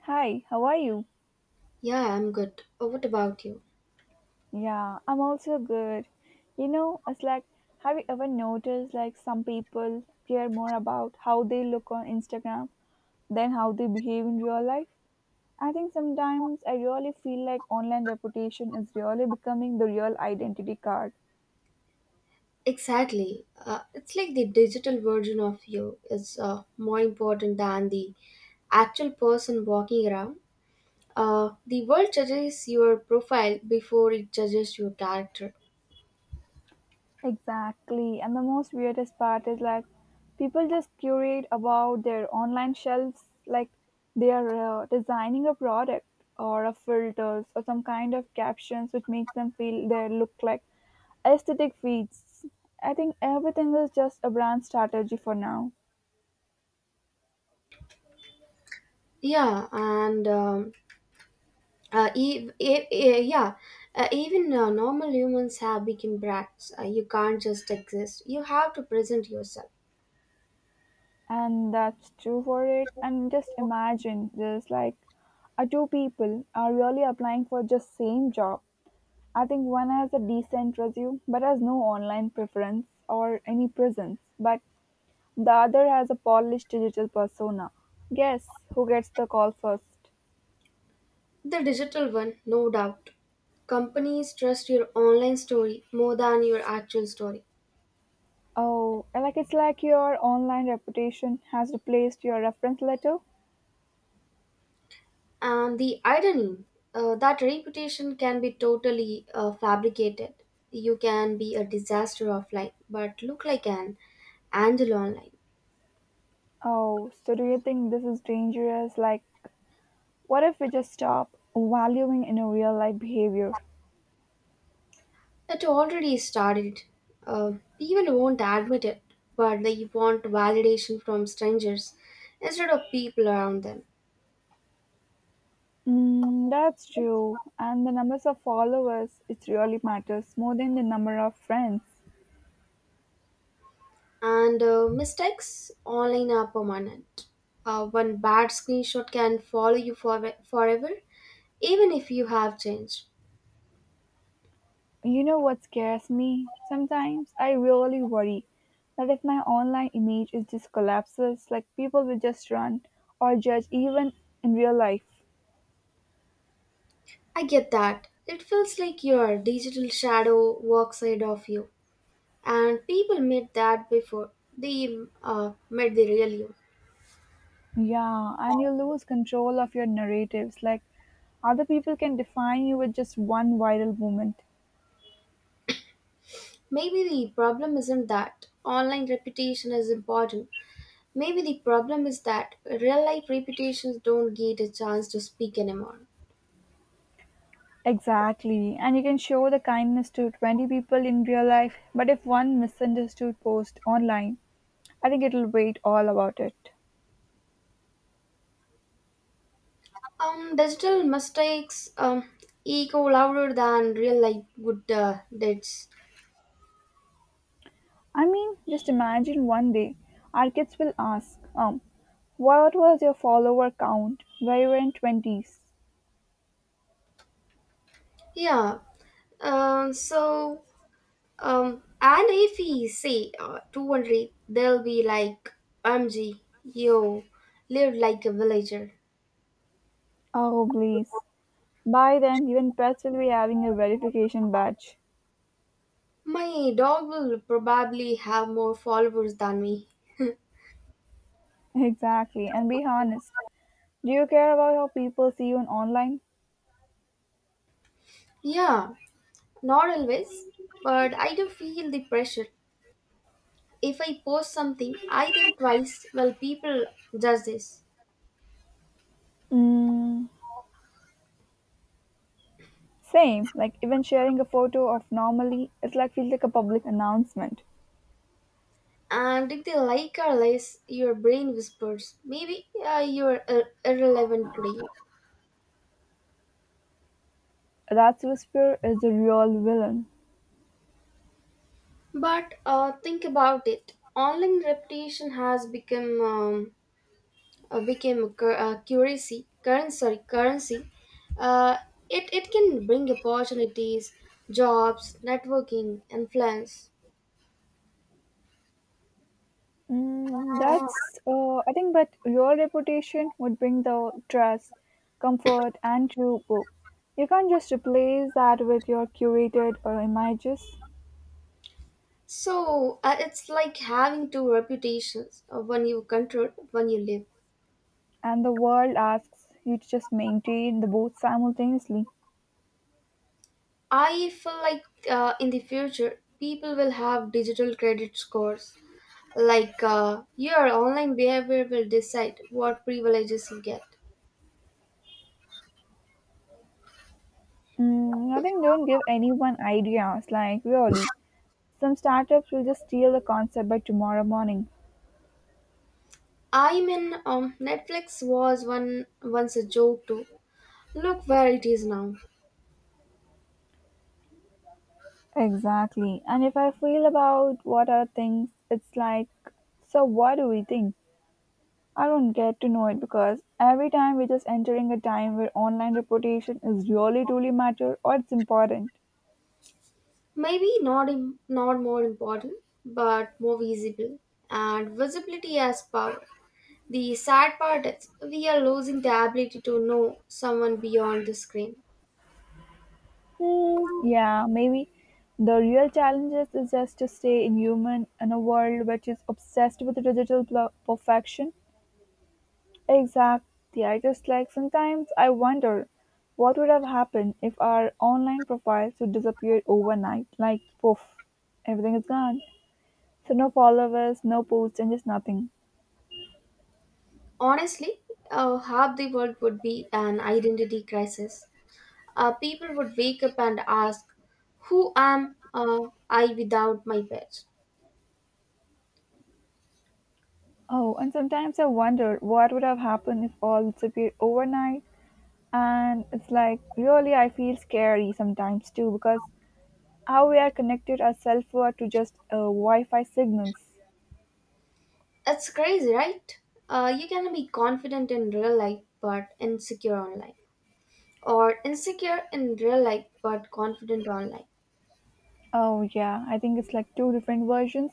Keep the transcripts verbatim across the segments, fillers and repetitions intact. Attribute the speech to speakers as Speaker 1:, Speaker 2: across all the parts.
Speaker 1: Hi, how are you?
Speaker 2: Yeah, I'm good. Uh, What about you?
Speaker 1: Yeah, I'm also good. You know, it's like, have you ever noticed like some people care more about how they look on Instagram than how they behave in real life? I think sometimes I really feel like online reputation is really becoming the real identity card.
Speaker 2: Exactly. Uh, it's like the digital version of you is uh, more important than the actual person walking around. Uh, the world judges your profile before it judges your character.
Speaker 1: Exactly. And the most weirdest part is like people just curate about their online shelves like they are uh, designing a product or a filters or some kind of captions which makes them feel they look like aesthetic feats. I think everything is just a brand strategy for now.
Speaker 2: Yeah, and um, uh, e- e- e- yeah, uh, even uh, normal humans have become brats. Uh, you can't just exist. You have to present yourself.
Speaker 1: And that's true for it. And just imagine there's like a two people are really applying for just same job. I think one has a decent resume but has no online preference or any presence, but the other has a polished digital persona. Guess who gets the call first?
Speaker 2: The digital one, no doubt. Companies trust your online story more than your actual story.
Speaker 1: Oh, like it's like your online reputation has replaced your reference letter?
Speaker 2: And the irony, uh, that reputation can be totally uh, fabricated. You can be a disaster offline, but look like an angel online.
Speaker 1: Oh, so do you think this is dangerous? Like, what if we just stop valuing in a real life behavior?
Speaker 2: It already started. Uh, People won't admit it, but they want validation from strangers instead of people around them.
Speaker 1: Mm, that's true. And the numbers of followers, it really matters more than the number of friends.
Speaker 2: and uh, mistakes online are permanent. Uh, one bad screenshot can follow you for- forever, even if you have changed.
Speaker 1: You know what scares me? Sometimes I really worry that if my online image is just collapses, like people will just run or judge even in real life.
Speaker 2: I get that. It feels like your digital shadow walks ahead of you, and people made that before they uh, met the real you.
Speaker 1: Yeah, and you lose control of your narratives. Like other people can define you with just one viral moment.
Speaker 2: Maybe the problem isn't that online reputation is important. Maybe the problem is that real life reputations don't get a chance to speak anymore.
Speaker 1: Exactly. And you can show the kindness to twenty people in real life, but if one misunderstood post online, I think it'll wait all about it.
Speaker 2: Um, digital mistakes um, echo louder than real life good uh, deeds.
Speaker 1: I mean, just imagine one day our kids will ask, um, what was your follower count when you were in twenties?
Speaker 2: Yeah. Um, so um, and if we say uh, two hundred, they'll be like, "M G, yo, live like a villager."
Speaker 1: Oh, please. By then, even pets will be having a verification badge.
Speaker 2: My dog will probably have more followers than me.
Speaker 1: Exactly. And be honest, do you care about how people see you on online?
Speaker 2: Yeah, not always, but I do feel the pressure. If I post something, I think twice. Will people judge this?
Speaker 1: Mm, same. Like, even sharing a photo of normally, it's like feels like a public announcement.
Speaker 2: And if they like or less, your brain whispers, maybe uh, you're ir- irrelevant today.
Speaker 1: That's Whisper is the real villain.
Speaker 2: But uh, think about it. Online reputation has become um, uh, became a, cur- a currency, currency, sorry, currency. Uh, it, it can bring opportunities, jobs, networking, influence.
Speaker 1: Mm, that's, uh, I think, but your reputation would bring the trust, comfort, and true hope. You can't just replace that with your curated uh, images,
Speaker 2: So uh, it's like having two reputations, uh, one you control, one you live.
Speaker 1: and the world asks you to just maintain the both simultaneously.
Speaker 2: I feel like uh, in the future, people will have digital credit scores. Like uh, your online behavior will decide what privileges you get.
Speaker 1: Mm, I think don't give anyone ideas, like really. Some startups will just steal the concept by tomorrow morning.
Speaker 2: I mean, um, Netflix was one once a joke too. Look where it is now.
Speaker 1: Exactly. And if I feel about what are things, it's like, so what do we think? I don't get to know it because every time we're just entering a time where online reputation is really truly matter or it's important.
Speaker 2: Maybe not Im- not more important, but more visible. And visibility has power. The sad part is we are losing the ability to know someone beyond the screen.
Speaker 1: Hmm, yeah, maybe the real challenges is just to stay inhuman in a world which is obsessed with digital pl- perfection. Exactly. I just like sometimes I wonder what would have happened if our online profiles would disappear overnight, like poof, everything is gone. So no followers, no posts, and just nothing.
Speaker 2: Honestly, uh, half the world would be an identity crisis. Uh, people would wake up and ask, Who am uh, I without my pet?
Speaker 1: Oh, and sometimes I wonder what would have happened if all disappeared overnight. And it's like, really, I feel scary sometimes too because how we are connected ourselves were to just uh, Wi Fi signals.
Speaker 2: It's crazy, right? Uh, you can be confident in real life but insecure online, or insecure in real life but confident online.
Speaker 1: Oh, yeah, I think it's like two different versions.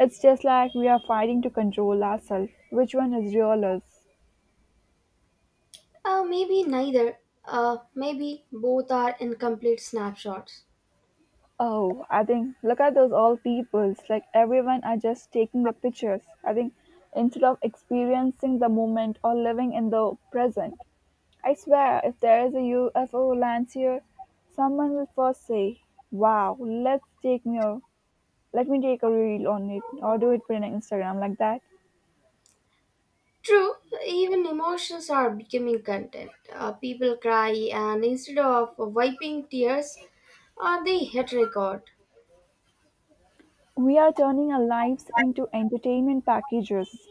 Speaker 1: It's just like we are fighting to control ourselves. Which one is real us?
Speaker 2: Uh, maybe neither. Uh, maybe both are incomplete snapshots.
Speaker 1: Oh, I think look at those old people. It's like everyone are just taking the pictures. I think instead of experiencing the moment or living in the present. I swear, if there's a U F O lands here, someone will first say, "Wow, let's take me a let me take a reel on it," or do it for an Instagram like that.
Speaker 2: True, even emotions are becoming content. Uh, people cry, and instead of wiping tears, uh, they hit record.
Speaker 1: We are turning our lives into entertainment packages.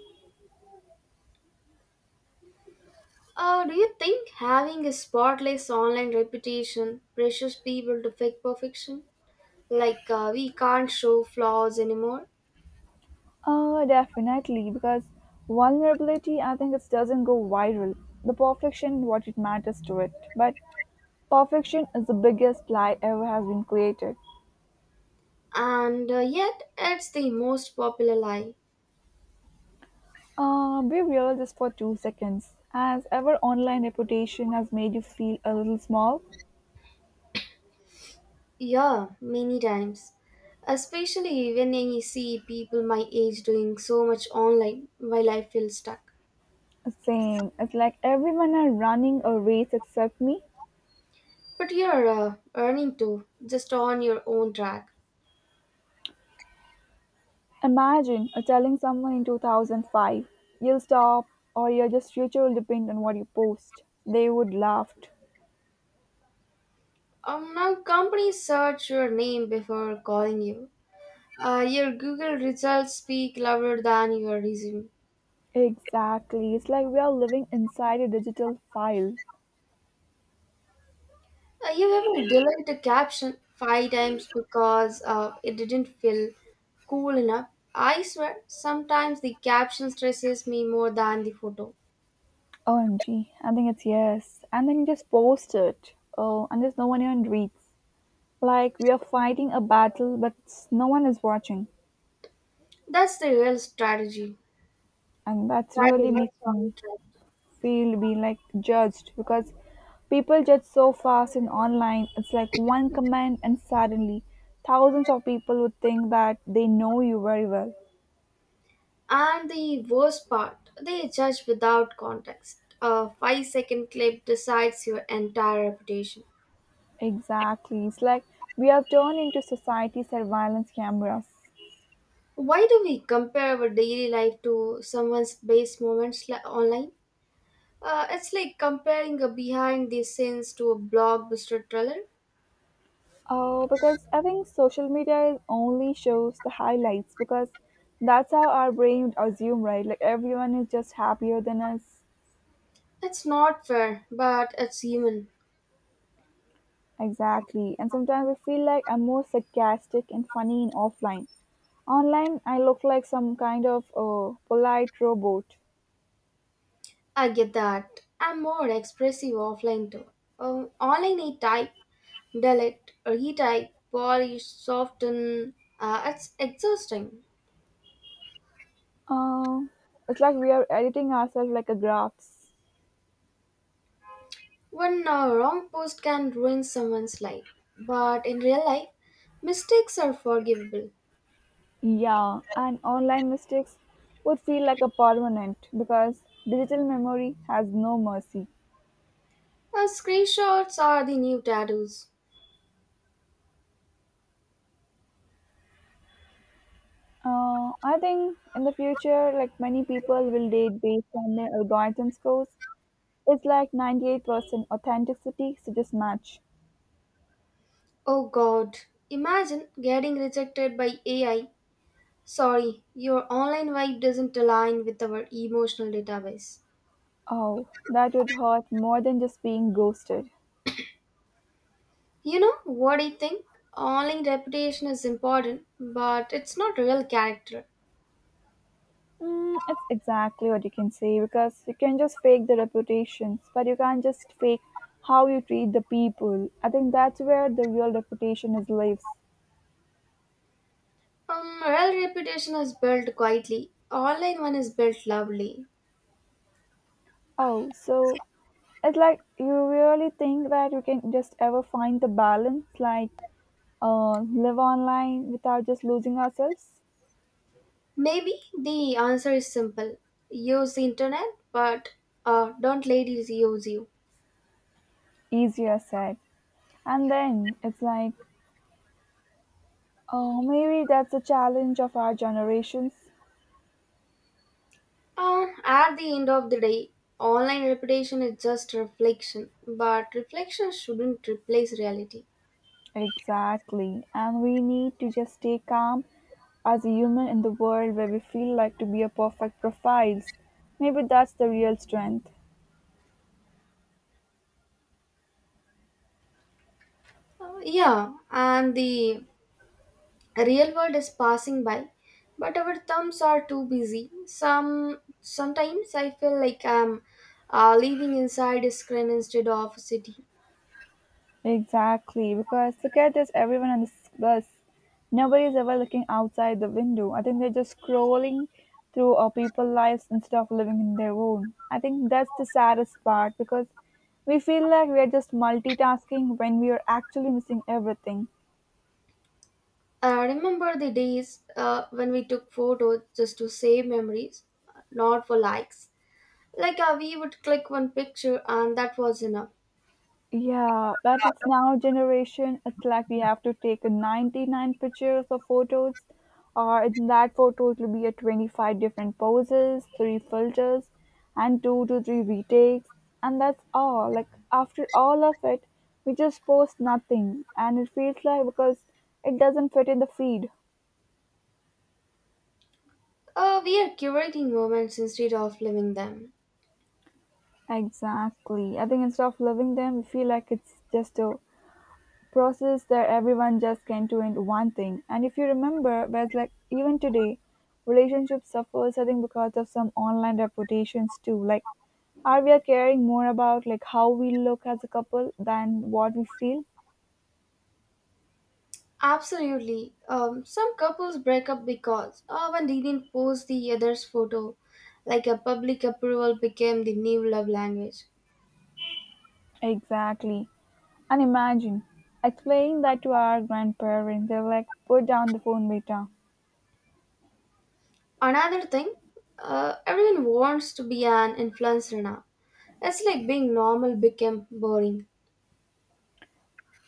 Speaker 2: Uh, do you think having a spotless online reputation pressures people to fake perfection? Like, uh, we can't show flaws anymore?
Speaker 1: Uh, definitely, because vulnerability, I think, it doesn't go viral. The perfection, what it matters to it, but perfection is the biggest lie ever has been created.
Speaker 2: And uh, yet, it's the most popular lie.
Speaker 1: Uh, be real just for two seconds. Has ever, online reputation has made you feel a little small?
Speaker 2: Yeah, many times. Especially when I see people my age doing so much online, my life feels stuck.
Speaker 1: Same. It's like everyone are running a race except me.
Speaker 2: But you're uh, earning too, just on your own track.
Speaker 1: Imagine uh, telling someone in two thousand five, you'll stop or your just future will depend on what you post. They would laugh.
Speaker 2: Um, now companies search your name before calling you. Uh, your Google results speak louder than your resume.
Speaker 1: Exactly. It's like we are living inside a digital file.
Speaker 2: Uh, you ever delete a caption five times because uh, it didn't feel cool enough? I swear, sometimes the caption stresses me more than the photo.
Speaker 1: O M G. I think it's yes. And then you just post it. Oh, and there's no one even reads. Like we are fighting a battle, but s- no one is watching,
Speaker 2: That's the real strategy.
Speaker 1: and that's really
Speaker 2: Tragedy.
Speaker 1: makes
Speaker 2: Sorry,
Speaker 1: me
Speaker 2: tragedy.
Speaker 1: feel be like judged because people judge so fast in online. It's like one comment, and suddenly thousands of people would think that they know you very well.
Speaker 2: And the worst part, they judge without context. A five second clip decides your entire reputation.
Speaker 1: Exactly, it's like we have turned into society surveillance cameras.
Speaker 2: Why do we compare our daily life to someone's base moments li- online? Uh, it's like comparing a behind the scenes to a blockbuster trailer.
Speaker 1: Oh, because I think social media is only shows the highlights because that's how our brain would assume, right? Like everyone is just happier than us.
Speaker 2: It's not fair, but it's human.
Speaker 1: Exactly. And sometimes I feel like I'm more sarcastic and funny in offline. Online, I look like some kind of uh, polite robot.
Speaker 2: I get that. I'm more expressive offline too. Um, online, I type, delete, retype, polish, soften. Uh, it's exhausting.
Speaker 1: Uh, it's like we are editing ourselves like a graphs.
Speaker 2: One uh, wrong post can ruin someone's life, but in real life, mistakes are forgivable.
Speaker 1: Yeah, and online mistakes would feel like a permanent because digital memory has no mercy.
Speaker 2: Uh, screenshots are the new tattoos.
Speaker 1: Uh, I think in the future, like many people will date based on their algorithm scores. It's like ninety-eight percent authenticity, so just match.
Speaker 2: Oh god, imagine getting rejected by A I. Sorry, your online vibe doesn't align with our emotional database.
Speaker 1: Oh, that would hurt more than just being ghosted.
Speaker 2: You know what I think? Online reputation is important, but it's not real character.
Speaker 1: Mm, it's exactly what you can say because you can just fake the reputations, but you can't just fake how you treat the people. I think that's where the real reputation is lives.
Speaker 2: Um, real reputation is built quietly. Online one is built loudly.
Speaker 1: Oh, so it's like you really think that you can just ever find the balance, like uh, live online without just losing ourselves?
Speaker 2: Maybe the answer is simple. Use the internet, but uh, don't let it use you.
Speaker 1: Easier said. And then it's like, oh, maybe that's the challenge of our generations.
Speaker 2: Uh, at the end of the day, online reputation is just reflection, but reflection shouldn't replace reality.
Speaker 1: Exactly. And we need to just stay calm as a human in the world where we feel like to be a perfect profiles. Maybe that's the real strength.
Speaker 2: Uh, yeah, and the real world is passing by, but our thumbs are too busy. Some sometimes I feel like I'm uh, living inside a screen instead of a city.
Speaker 1: Exactly. Because look at this everyone on this bus. Nobody is ever looking outside the window. I think they're just scrolling through our people's lives instead of living in their own. I think that's the saddest part because we feel like we are just multitasking when we are actually missing everything.
Speaker 2: I remember the days uh, when we took photos just to save memories, not for likes. Like uh, we would click one picture and that was enough.
Speaker 1: Yeah, but it's now generation. It's like we have to take a ninety-nine pictures of photos, or in that photo it will be a twenty-five different poses, three filters, and two to three retakes, and that's all. Like after all of it, we just post nothing, and it feels like because it doesn't fit in the feed.
Speaker 2: Uh, we are curating moments instead of living them.
Speaker 1: Exactly. I think instead of loving them, we feel like it's just a process that everyone just can't do in one thing. And if you remember, whereas like even today, relationship suffers I think because of some online reputations too. Like, are we caring more about like how we look as a couple than what we feel?
Speaker 2: Absolutely. Um, some couples break up because uh, one didn't post the other's photo. Like a public approval became the new love language.
Speaker 1: Exactly. And imagine explaining that to our grandparents. They're like, put down the phone, beta.
Speaker 2: Another thing, uh, everyone wants to be an influencer now. It's like being normal became boring.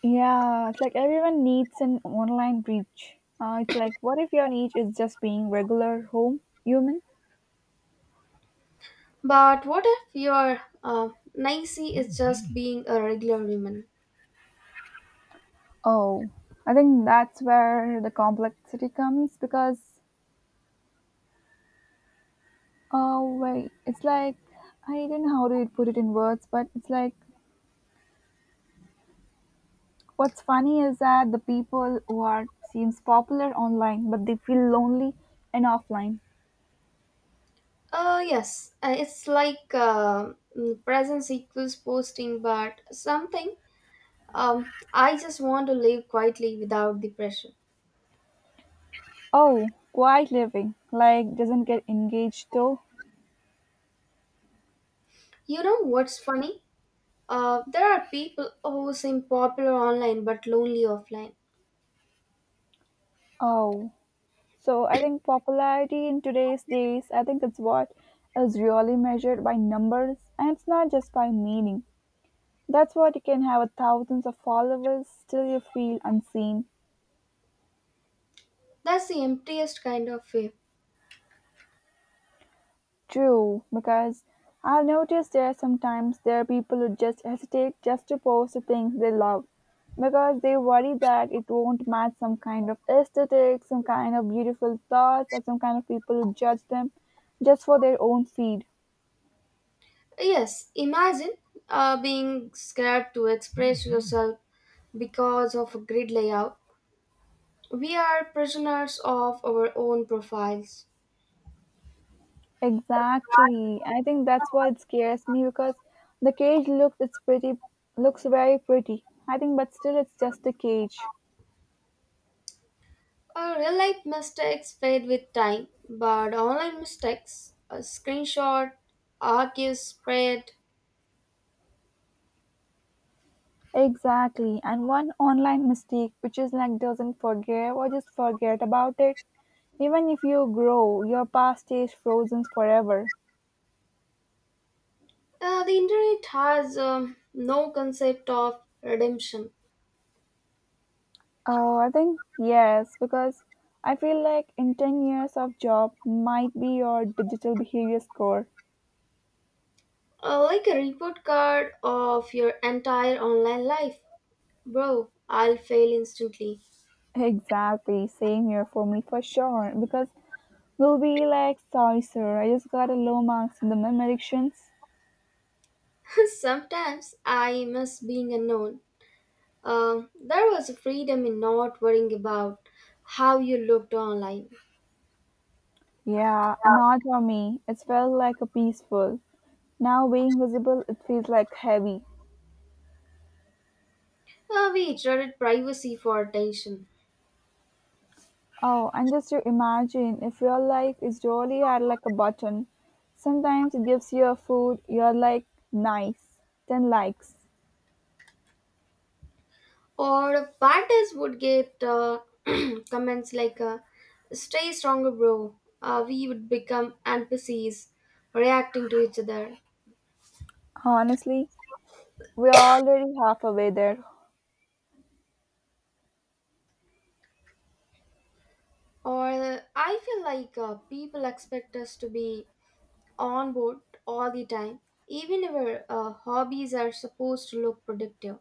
Speaker 1: Yeah, it's like everyone needs an online reach. Uh, it's like, what if your niche is just being regular home human?
Speaker 2: But what if your uh, Nancy is just being a regular woman?
Speaker 1: Oh, I think that's where the complexity comes because, oh, wait, it's like, I don't know how to put it in words, but it's like, what's funny is that the people who are seems popular online, but they feel lonely and offline.
Speaker 2: Uh, yes, uh, it's like uh, mm, presence equals posting, but something, um, I just want to live quietly without the pressure.
Speaker 1: Oh, quiet living, like, doesn't get engaged though.
Speaker 2: You know what's funny? Uh, there are people who seem popular online but lonely offline.
Speaker 1: Oh, so I think popularity in today's days, I think it's what is really measured by numbers and it's not just by meaning. That's what you can have thousands of followers, still you feel unseen.
Speaker 2: That's the emptiest kind of fame.
Speaker 1: True, because I've noticed there sometimes there are people who just hesitate just to post the things they love because they worry that it won't match some kind of aesthetic, some kind of beautiful thoughts, or some kind of people who judge them just for their own feed.
Speaker 2: Yes, imagine uh, being scared to express yourself because of a grid layout. We are prisoners of our own profiles.
Speaker 1: Exactly. I think that's why it scares me because the cage looks it's pretty looks very pretty. I think but still it's just a cage.
Speaker 2: Our real life mistakes fade with time, but online mistakes, a screenshot, archive spread,
Speaker 1: Exactly, and one online mistake which is like doesn't forgive or just forget about it. Even if you grow, your past stays frozen forever.
Speaker 2: uh, the internet has um, no concept of redemption.
Speaker 1: Oh, I think yes, because I feel like in ten years of job might be your digital behavior score.
Speaker 2: Uh, like a report card of your entire online life. Bro, I'll fail instantly.
Speaker 1: Exactly, same here for me for sure, because we'll be like, sorry, sir, I just got a low marks in the meme elections.
Speaker 2: Sometimes I miss being unknown. Um, there was a freedom in not worrying about how you looked online.
Speaker 1: Yeah, and not for me. It felt like a peaceful. Now being visible, it feels like heavy.
Speaker 2: Uh, we traded privacy for attention.
Speaker 1: Oh, and just to imagine if your life is really at like a button. Sometimes it gives you a food, you're like, nice. ten likes.
Speaker 2: Or parties would get uh, comments like, uh, stay stronger, bro. Uh, we would become N P Cs reacting to each other.
Speaker 1: Honestly, we're already halfway there.
Speaker 2: Or uh, I feel like uh, people expect us to be on board all the time, even our uh, hobbies are supposed to look productive.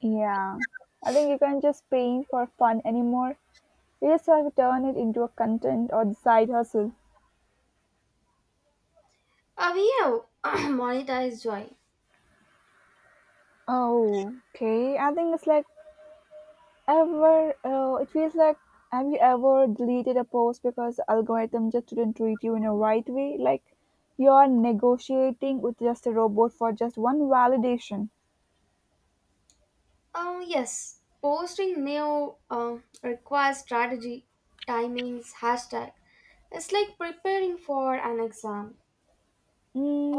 Speaker 1: Yeah. I think you can't just paint for fun anymore. You just have to turn it into a content or the side hustle.
Speaker 2: Uh, we have monetized joy.
Speaker 1: Oh, okay. I think it's like Ever, uh, it feels like have you ever deleted a post because the algorithm just didn't treat you in a right way? Like you're negotiating with just a robot for just one validation,
Speaker 2: Uh, yes, posting new uh, requires strategy, timings, hashtag. It's like preparing for an exam.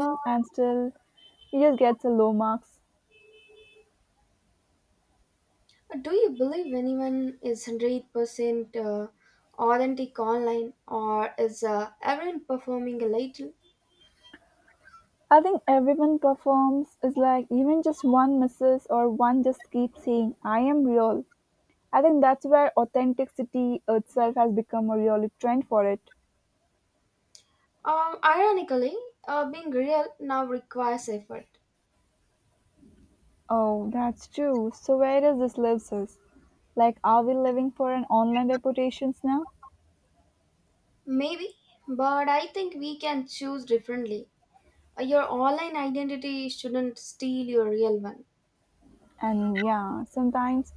Speaker 2: Uh,
Speaker 1: and still he just gets a low marks.
Speaker 2: Do you believe anyone is one hundred percent uh, authentic online or is uh, everyone performing a little?
Speaker 1: I think everyone performs is like even just one misses or one just keeps saying I am real. I think that's where authenticity itself has become a really trend for it.
Speaker 2: Um, ironically, uh, being real now requires effort.
Speaker 1: Oh, that's true. So where does this leaves us? Like, are we living for an online reputations now?
Speaker 2: Maybe, but I think we can choose differently. Uh, your online identity shouldn't steal your real one.
Speaker 1: And yeah, sometimes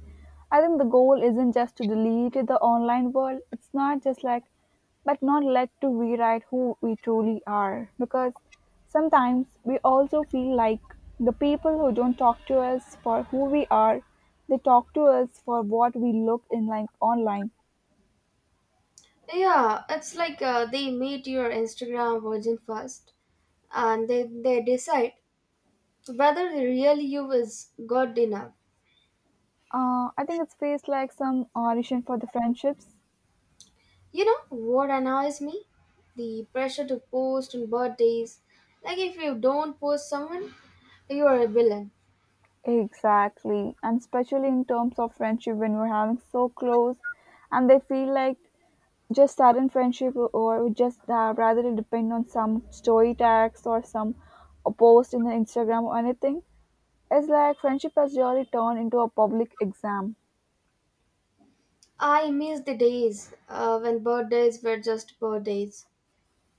Speaker 1: I think the goal isn't just to delete the online world. It's not just like, but not let to rewrite who we truly are. Because sometimes we also feel like the people who don't talk to us for who we are, they talk to us for what we look in like online.
Speaker 2: Yeah, it's like uh, they meet your Instagram version first and they, they decide whether the real you is good enough.
Speaker 1: Uh, I think it's faced like some audition for the friendships.
Speaker 2: You know what annoys me? The pressure to post on birthdays. Like if you don't post someone, you are a villain.
Speaker 1: Exactly. And especially in terms of friendship when we're having so close and they feel like just sudden friendship or or just uh, rather it depend on some story tags or some a post in the Instagram or anything. It's like friendship has really turned into a public exam.
Speaker 2: I miss the days uh, when birthdays were just birthdays.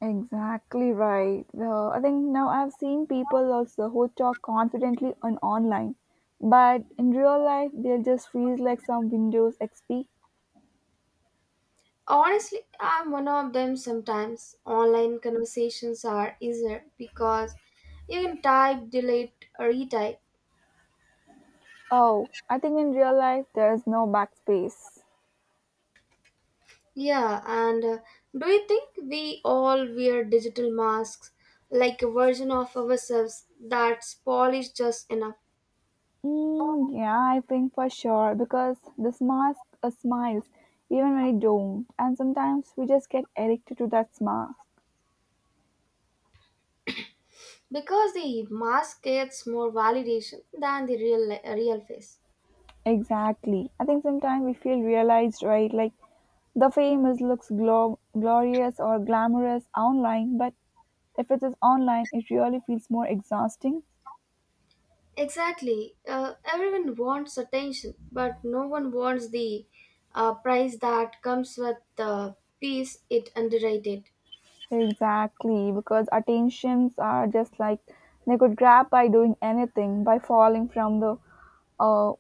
Speaker 1: Exactly right. Uh, I think now I've seen people also who talk confidently on online, but in real life they just feel like some Windows X P.
Speaker 2: Honestly, I'm one of them sometimes. Online conversations are easier because you can type, delete, retype.
Speaker 1: Oh, I think in real life there's no backspace.
Speaker 2: Yeah, and uh, do you think we all wear digital masks like a version of ourselves that's polished just enough?
Speaker 1: Mm, yeah, I think for sure because this mask uh, smiles even when it don't, and sometimes we just get addicted to that mask.
Speaker 2: Because the mask gets more validation than the real real face.
Speaker 1: Exactly. I think sometimes we feel realized, right? Like the fame is looks glo- glorious or glamorous online, but if it is online, it really feels more exhausting.
Speaker 2: Exactly. Uh, everyone wants attention, but no one wants the uh, price that comes with the piece it underrated.
Speaker 1: Exactly, because attentions are just like they could grab by doing anything, by falling from the uh,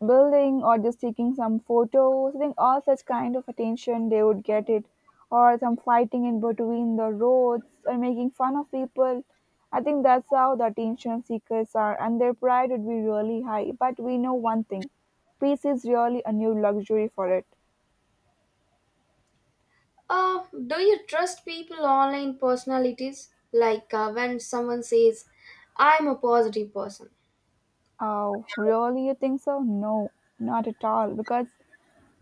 Speaker 1: building or just taking some photos. I think all such kind of attention they would get it, or some fighting in between the roads or making fun of people. I think that's how the attention seekers are, and their pride would be really high. But we know one thing, peace is really a new luxury for it.
Speaker 2: Uh, do you trust people online personalities? Like uh, when someone says, I'm a positive person.
Speaker 1: Oh, really? You think so? No, not at all. Because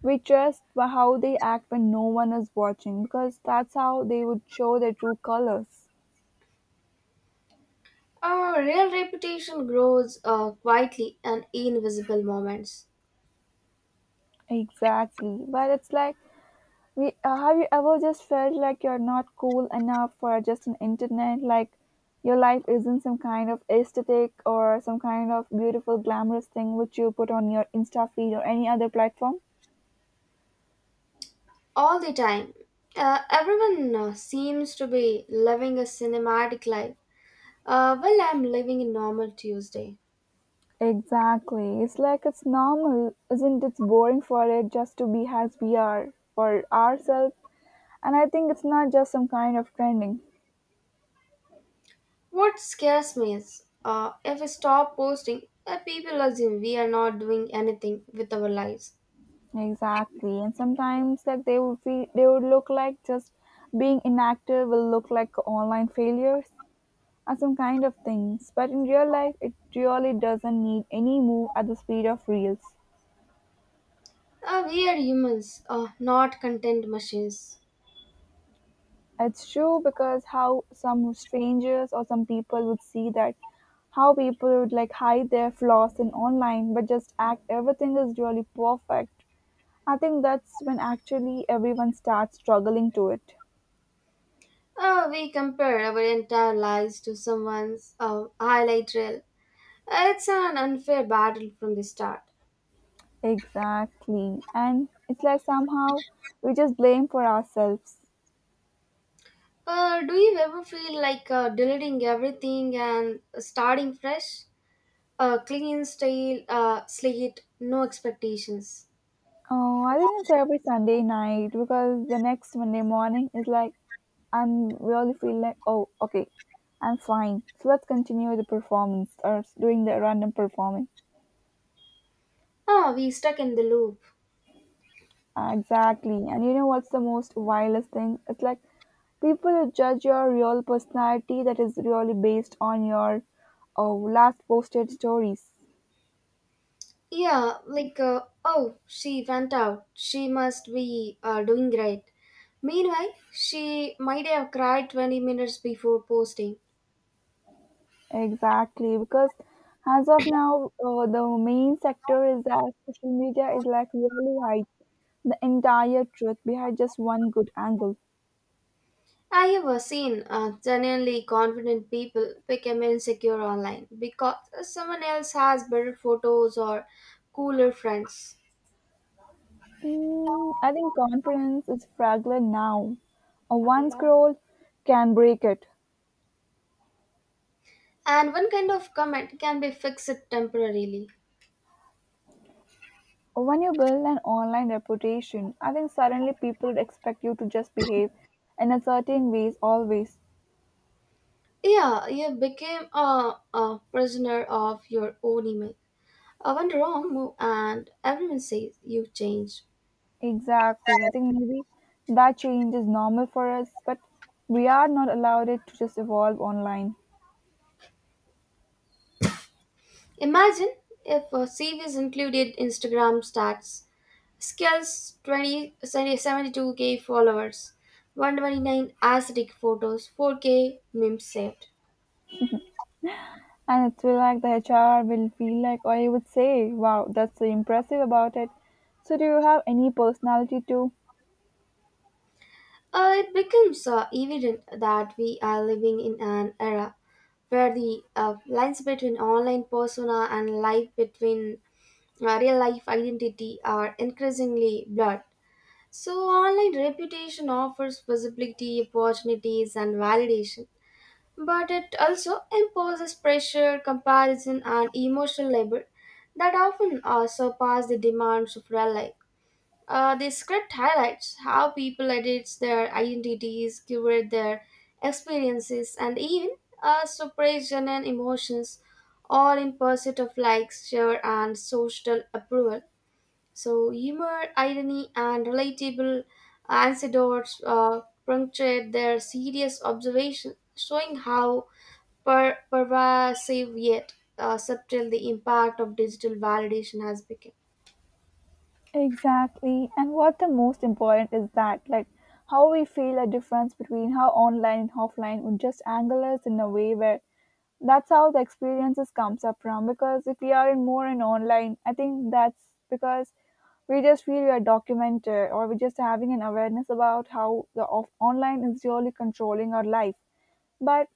Speaker 1: we trust wh- how they act when no one is watching because that's how they would show their true colors.
Speaker 2: Our real reputation grows uh, quietly and in invisible moments.
Speaker 1: Exactly. But it's like, we, uh, have you ever just felt like you're not cool enough for just an internet? Like, your life isn't some kind of aesthetic or some kind of beautiful, glamorous thing which you put on your Insta feed or any other platform?
Speaker 2: All the time. Uh, everyone uh, seems to be living a cinematic life. Uh, well, I'm living a normal Tuesday.
Speaker 1: Exactly. It's like it's normal, isn't it? It's boring for it just to be as we are for ourselves, and I think it's not just some kind of trending.
Speaker 2: What scares me is uh, if I stop posting, uh, people assume we are not doing anything with our lives.
Speaker 1: Exactly, and sometimes like they would feel they would look like just being inactive will look like online failures or some kind of things, but in real life it really doesn't need any move at the speed of reels.
Speaker 2: Uh, we are humans, uh, not content machines.
Speaker 1: It's true because how some strangers or some people would see that, how people would like hide their flaws in online but just act everything is really perfect. I think that's when actually everyone starts struggling to it.
Speaker 2: Uh, we compare our entire lives to someone's uh, highlight reel. It's an unfair battle from the start.
Speaker 1: Exactly. And it's like somehow we just blame for ourselves.
Speaker 2: Uh, do you ever feel like uh, deleting everything and starting fresh? Uh, clean style, uh, slate, no expectations.
Speaker 1: Oh, I think it's every Sunday night because the next Monday morning is like, I'm really feel like oh okay, I'm fine. So let's continue the performance or s- doing the random performing.
Speaker 2: Oh, we stuck in the loop.
Speaker 1: Exactly. And you know what's the most vilest thing? It's like people judge your real personality that is really based on your oh, last posted stories.
Speaker 2: Yeah, like, uh, oh, she went out. She must be uh, doing great. Meanwhile, she might have cried twenty minutes before posting.
Speaker 1: Exactly, because as of now, uh, the main sector is that social media is like really hide the entire truth behind just one good angle.
Speaker 2: I have seen uh, genuinely confident people become insecure online because someone else has better photos or cooler friends.
Speaker 1: Mm, I think confidence is fragile now. A one scroll can break it.
Speaker 2: And one kind of comment can be fixed temporarily.
Speaker 1: When you build an online reputation, I think suddenly people would expect you to just behave in a certain ways always.
Speaker 2: Yeah, you became a, a prisoner of your own image. Uh, one wrong move, and everyone says you changed.
Speaker 1: Exactly. I think maybe that change is normal for us, but we are not allowed it to just evolve online.
Speaker 2: Imagine if a C V is included Instagram stats. Skills: twenty seventy two k followers, one hundred twenty-nine aesthetic photos, four K memes saved.
Speaker 1: And it will like the H R will feel like, or you would say, wow, that's so impressive about it. So, do you have any personality too?
Speaker 2: Uh, it becomes uh, evident that we are living in an era where the uh, lines between online persona and life, between uh, real life identity, are increasingly blurred. So, online reputation offers visibility, opportunities, and validation, but it also imposes pressure, comparison, and emotional labor that often uh, surpass the demands of real life. Uh, the script highlights how people edit their identities, curate their experiences, and even uh, suppress genuine emotions, all in pursuit of likes, share, and social approval. So, humor, irony, and relatable anecdotes uh, punctuate their serious observation, showing how per- pervasive yet uh, subtle the impact of digital validation has become.
Speaker 1: Exactly. And what the most important is that, like, how we feel a difference between how online and offline would just angle us in a way where that's how the experiences comes up from. Because if we are in more in online, I think that's because we just feel we are documented or we're just having an awareness about how the off- online is really controlling our life. But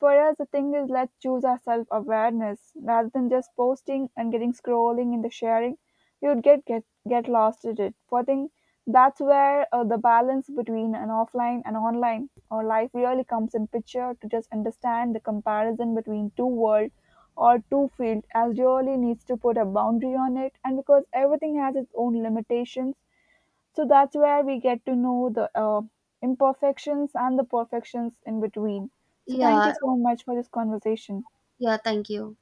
Speaker 1: for us, the thing is, let's choose our self awareness rather than just posting and getting scrolling in the sharing. You'd get get get lost in it. So I think that's where uh, the balance between an offline and online or life really comes in picture. To just understand the comparison between two world or two field, as really needs to put a boundary on it. And because everything has its own limitations, so that's where we get to know the uh, imperfections and the perfections in between. So thank you
Speaker 2: Yeah,
Speaker 1: so much for this conversation.
Speaker 2: yeah, thank you.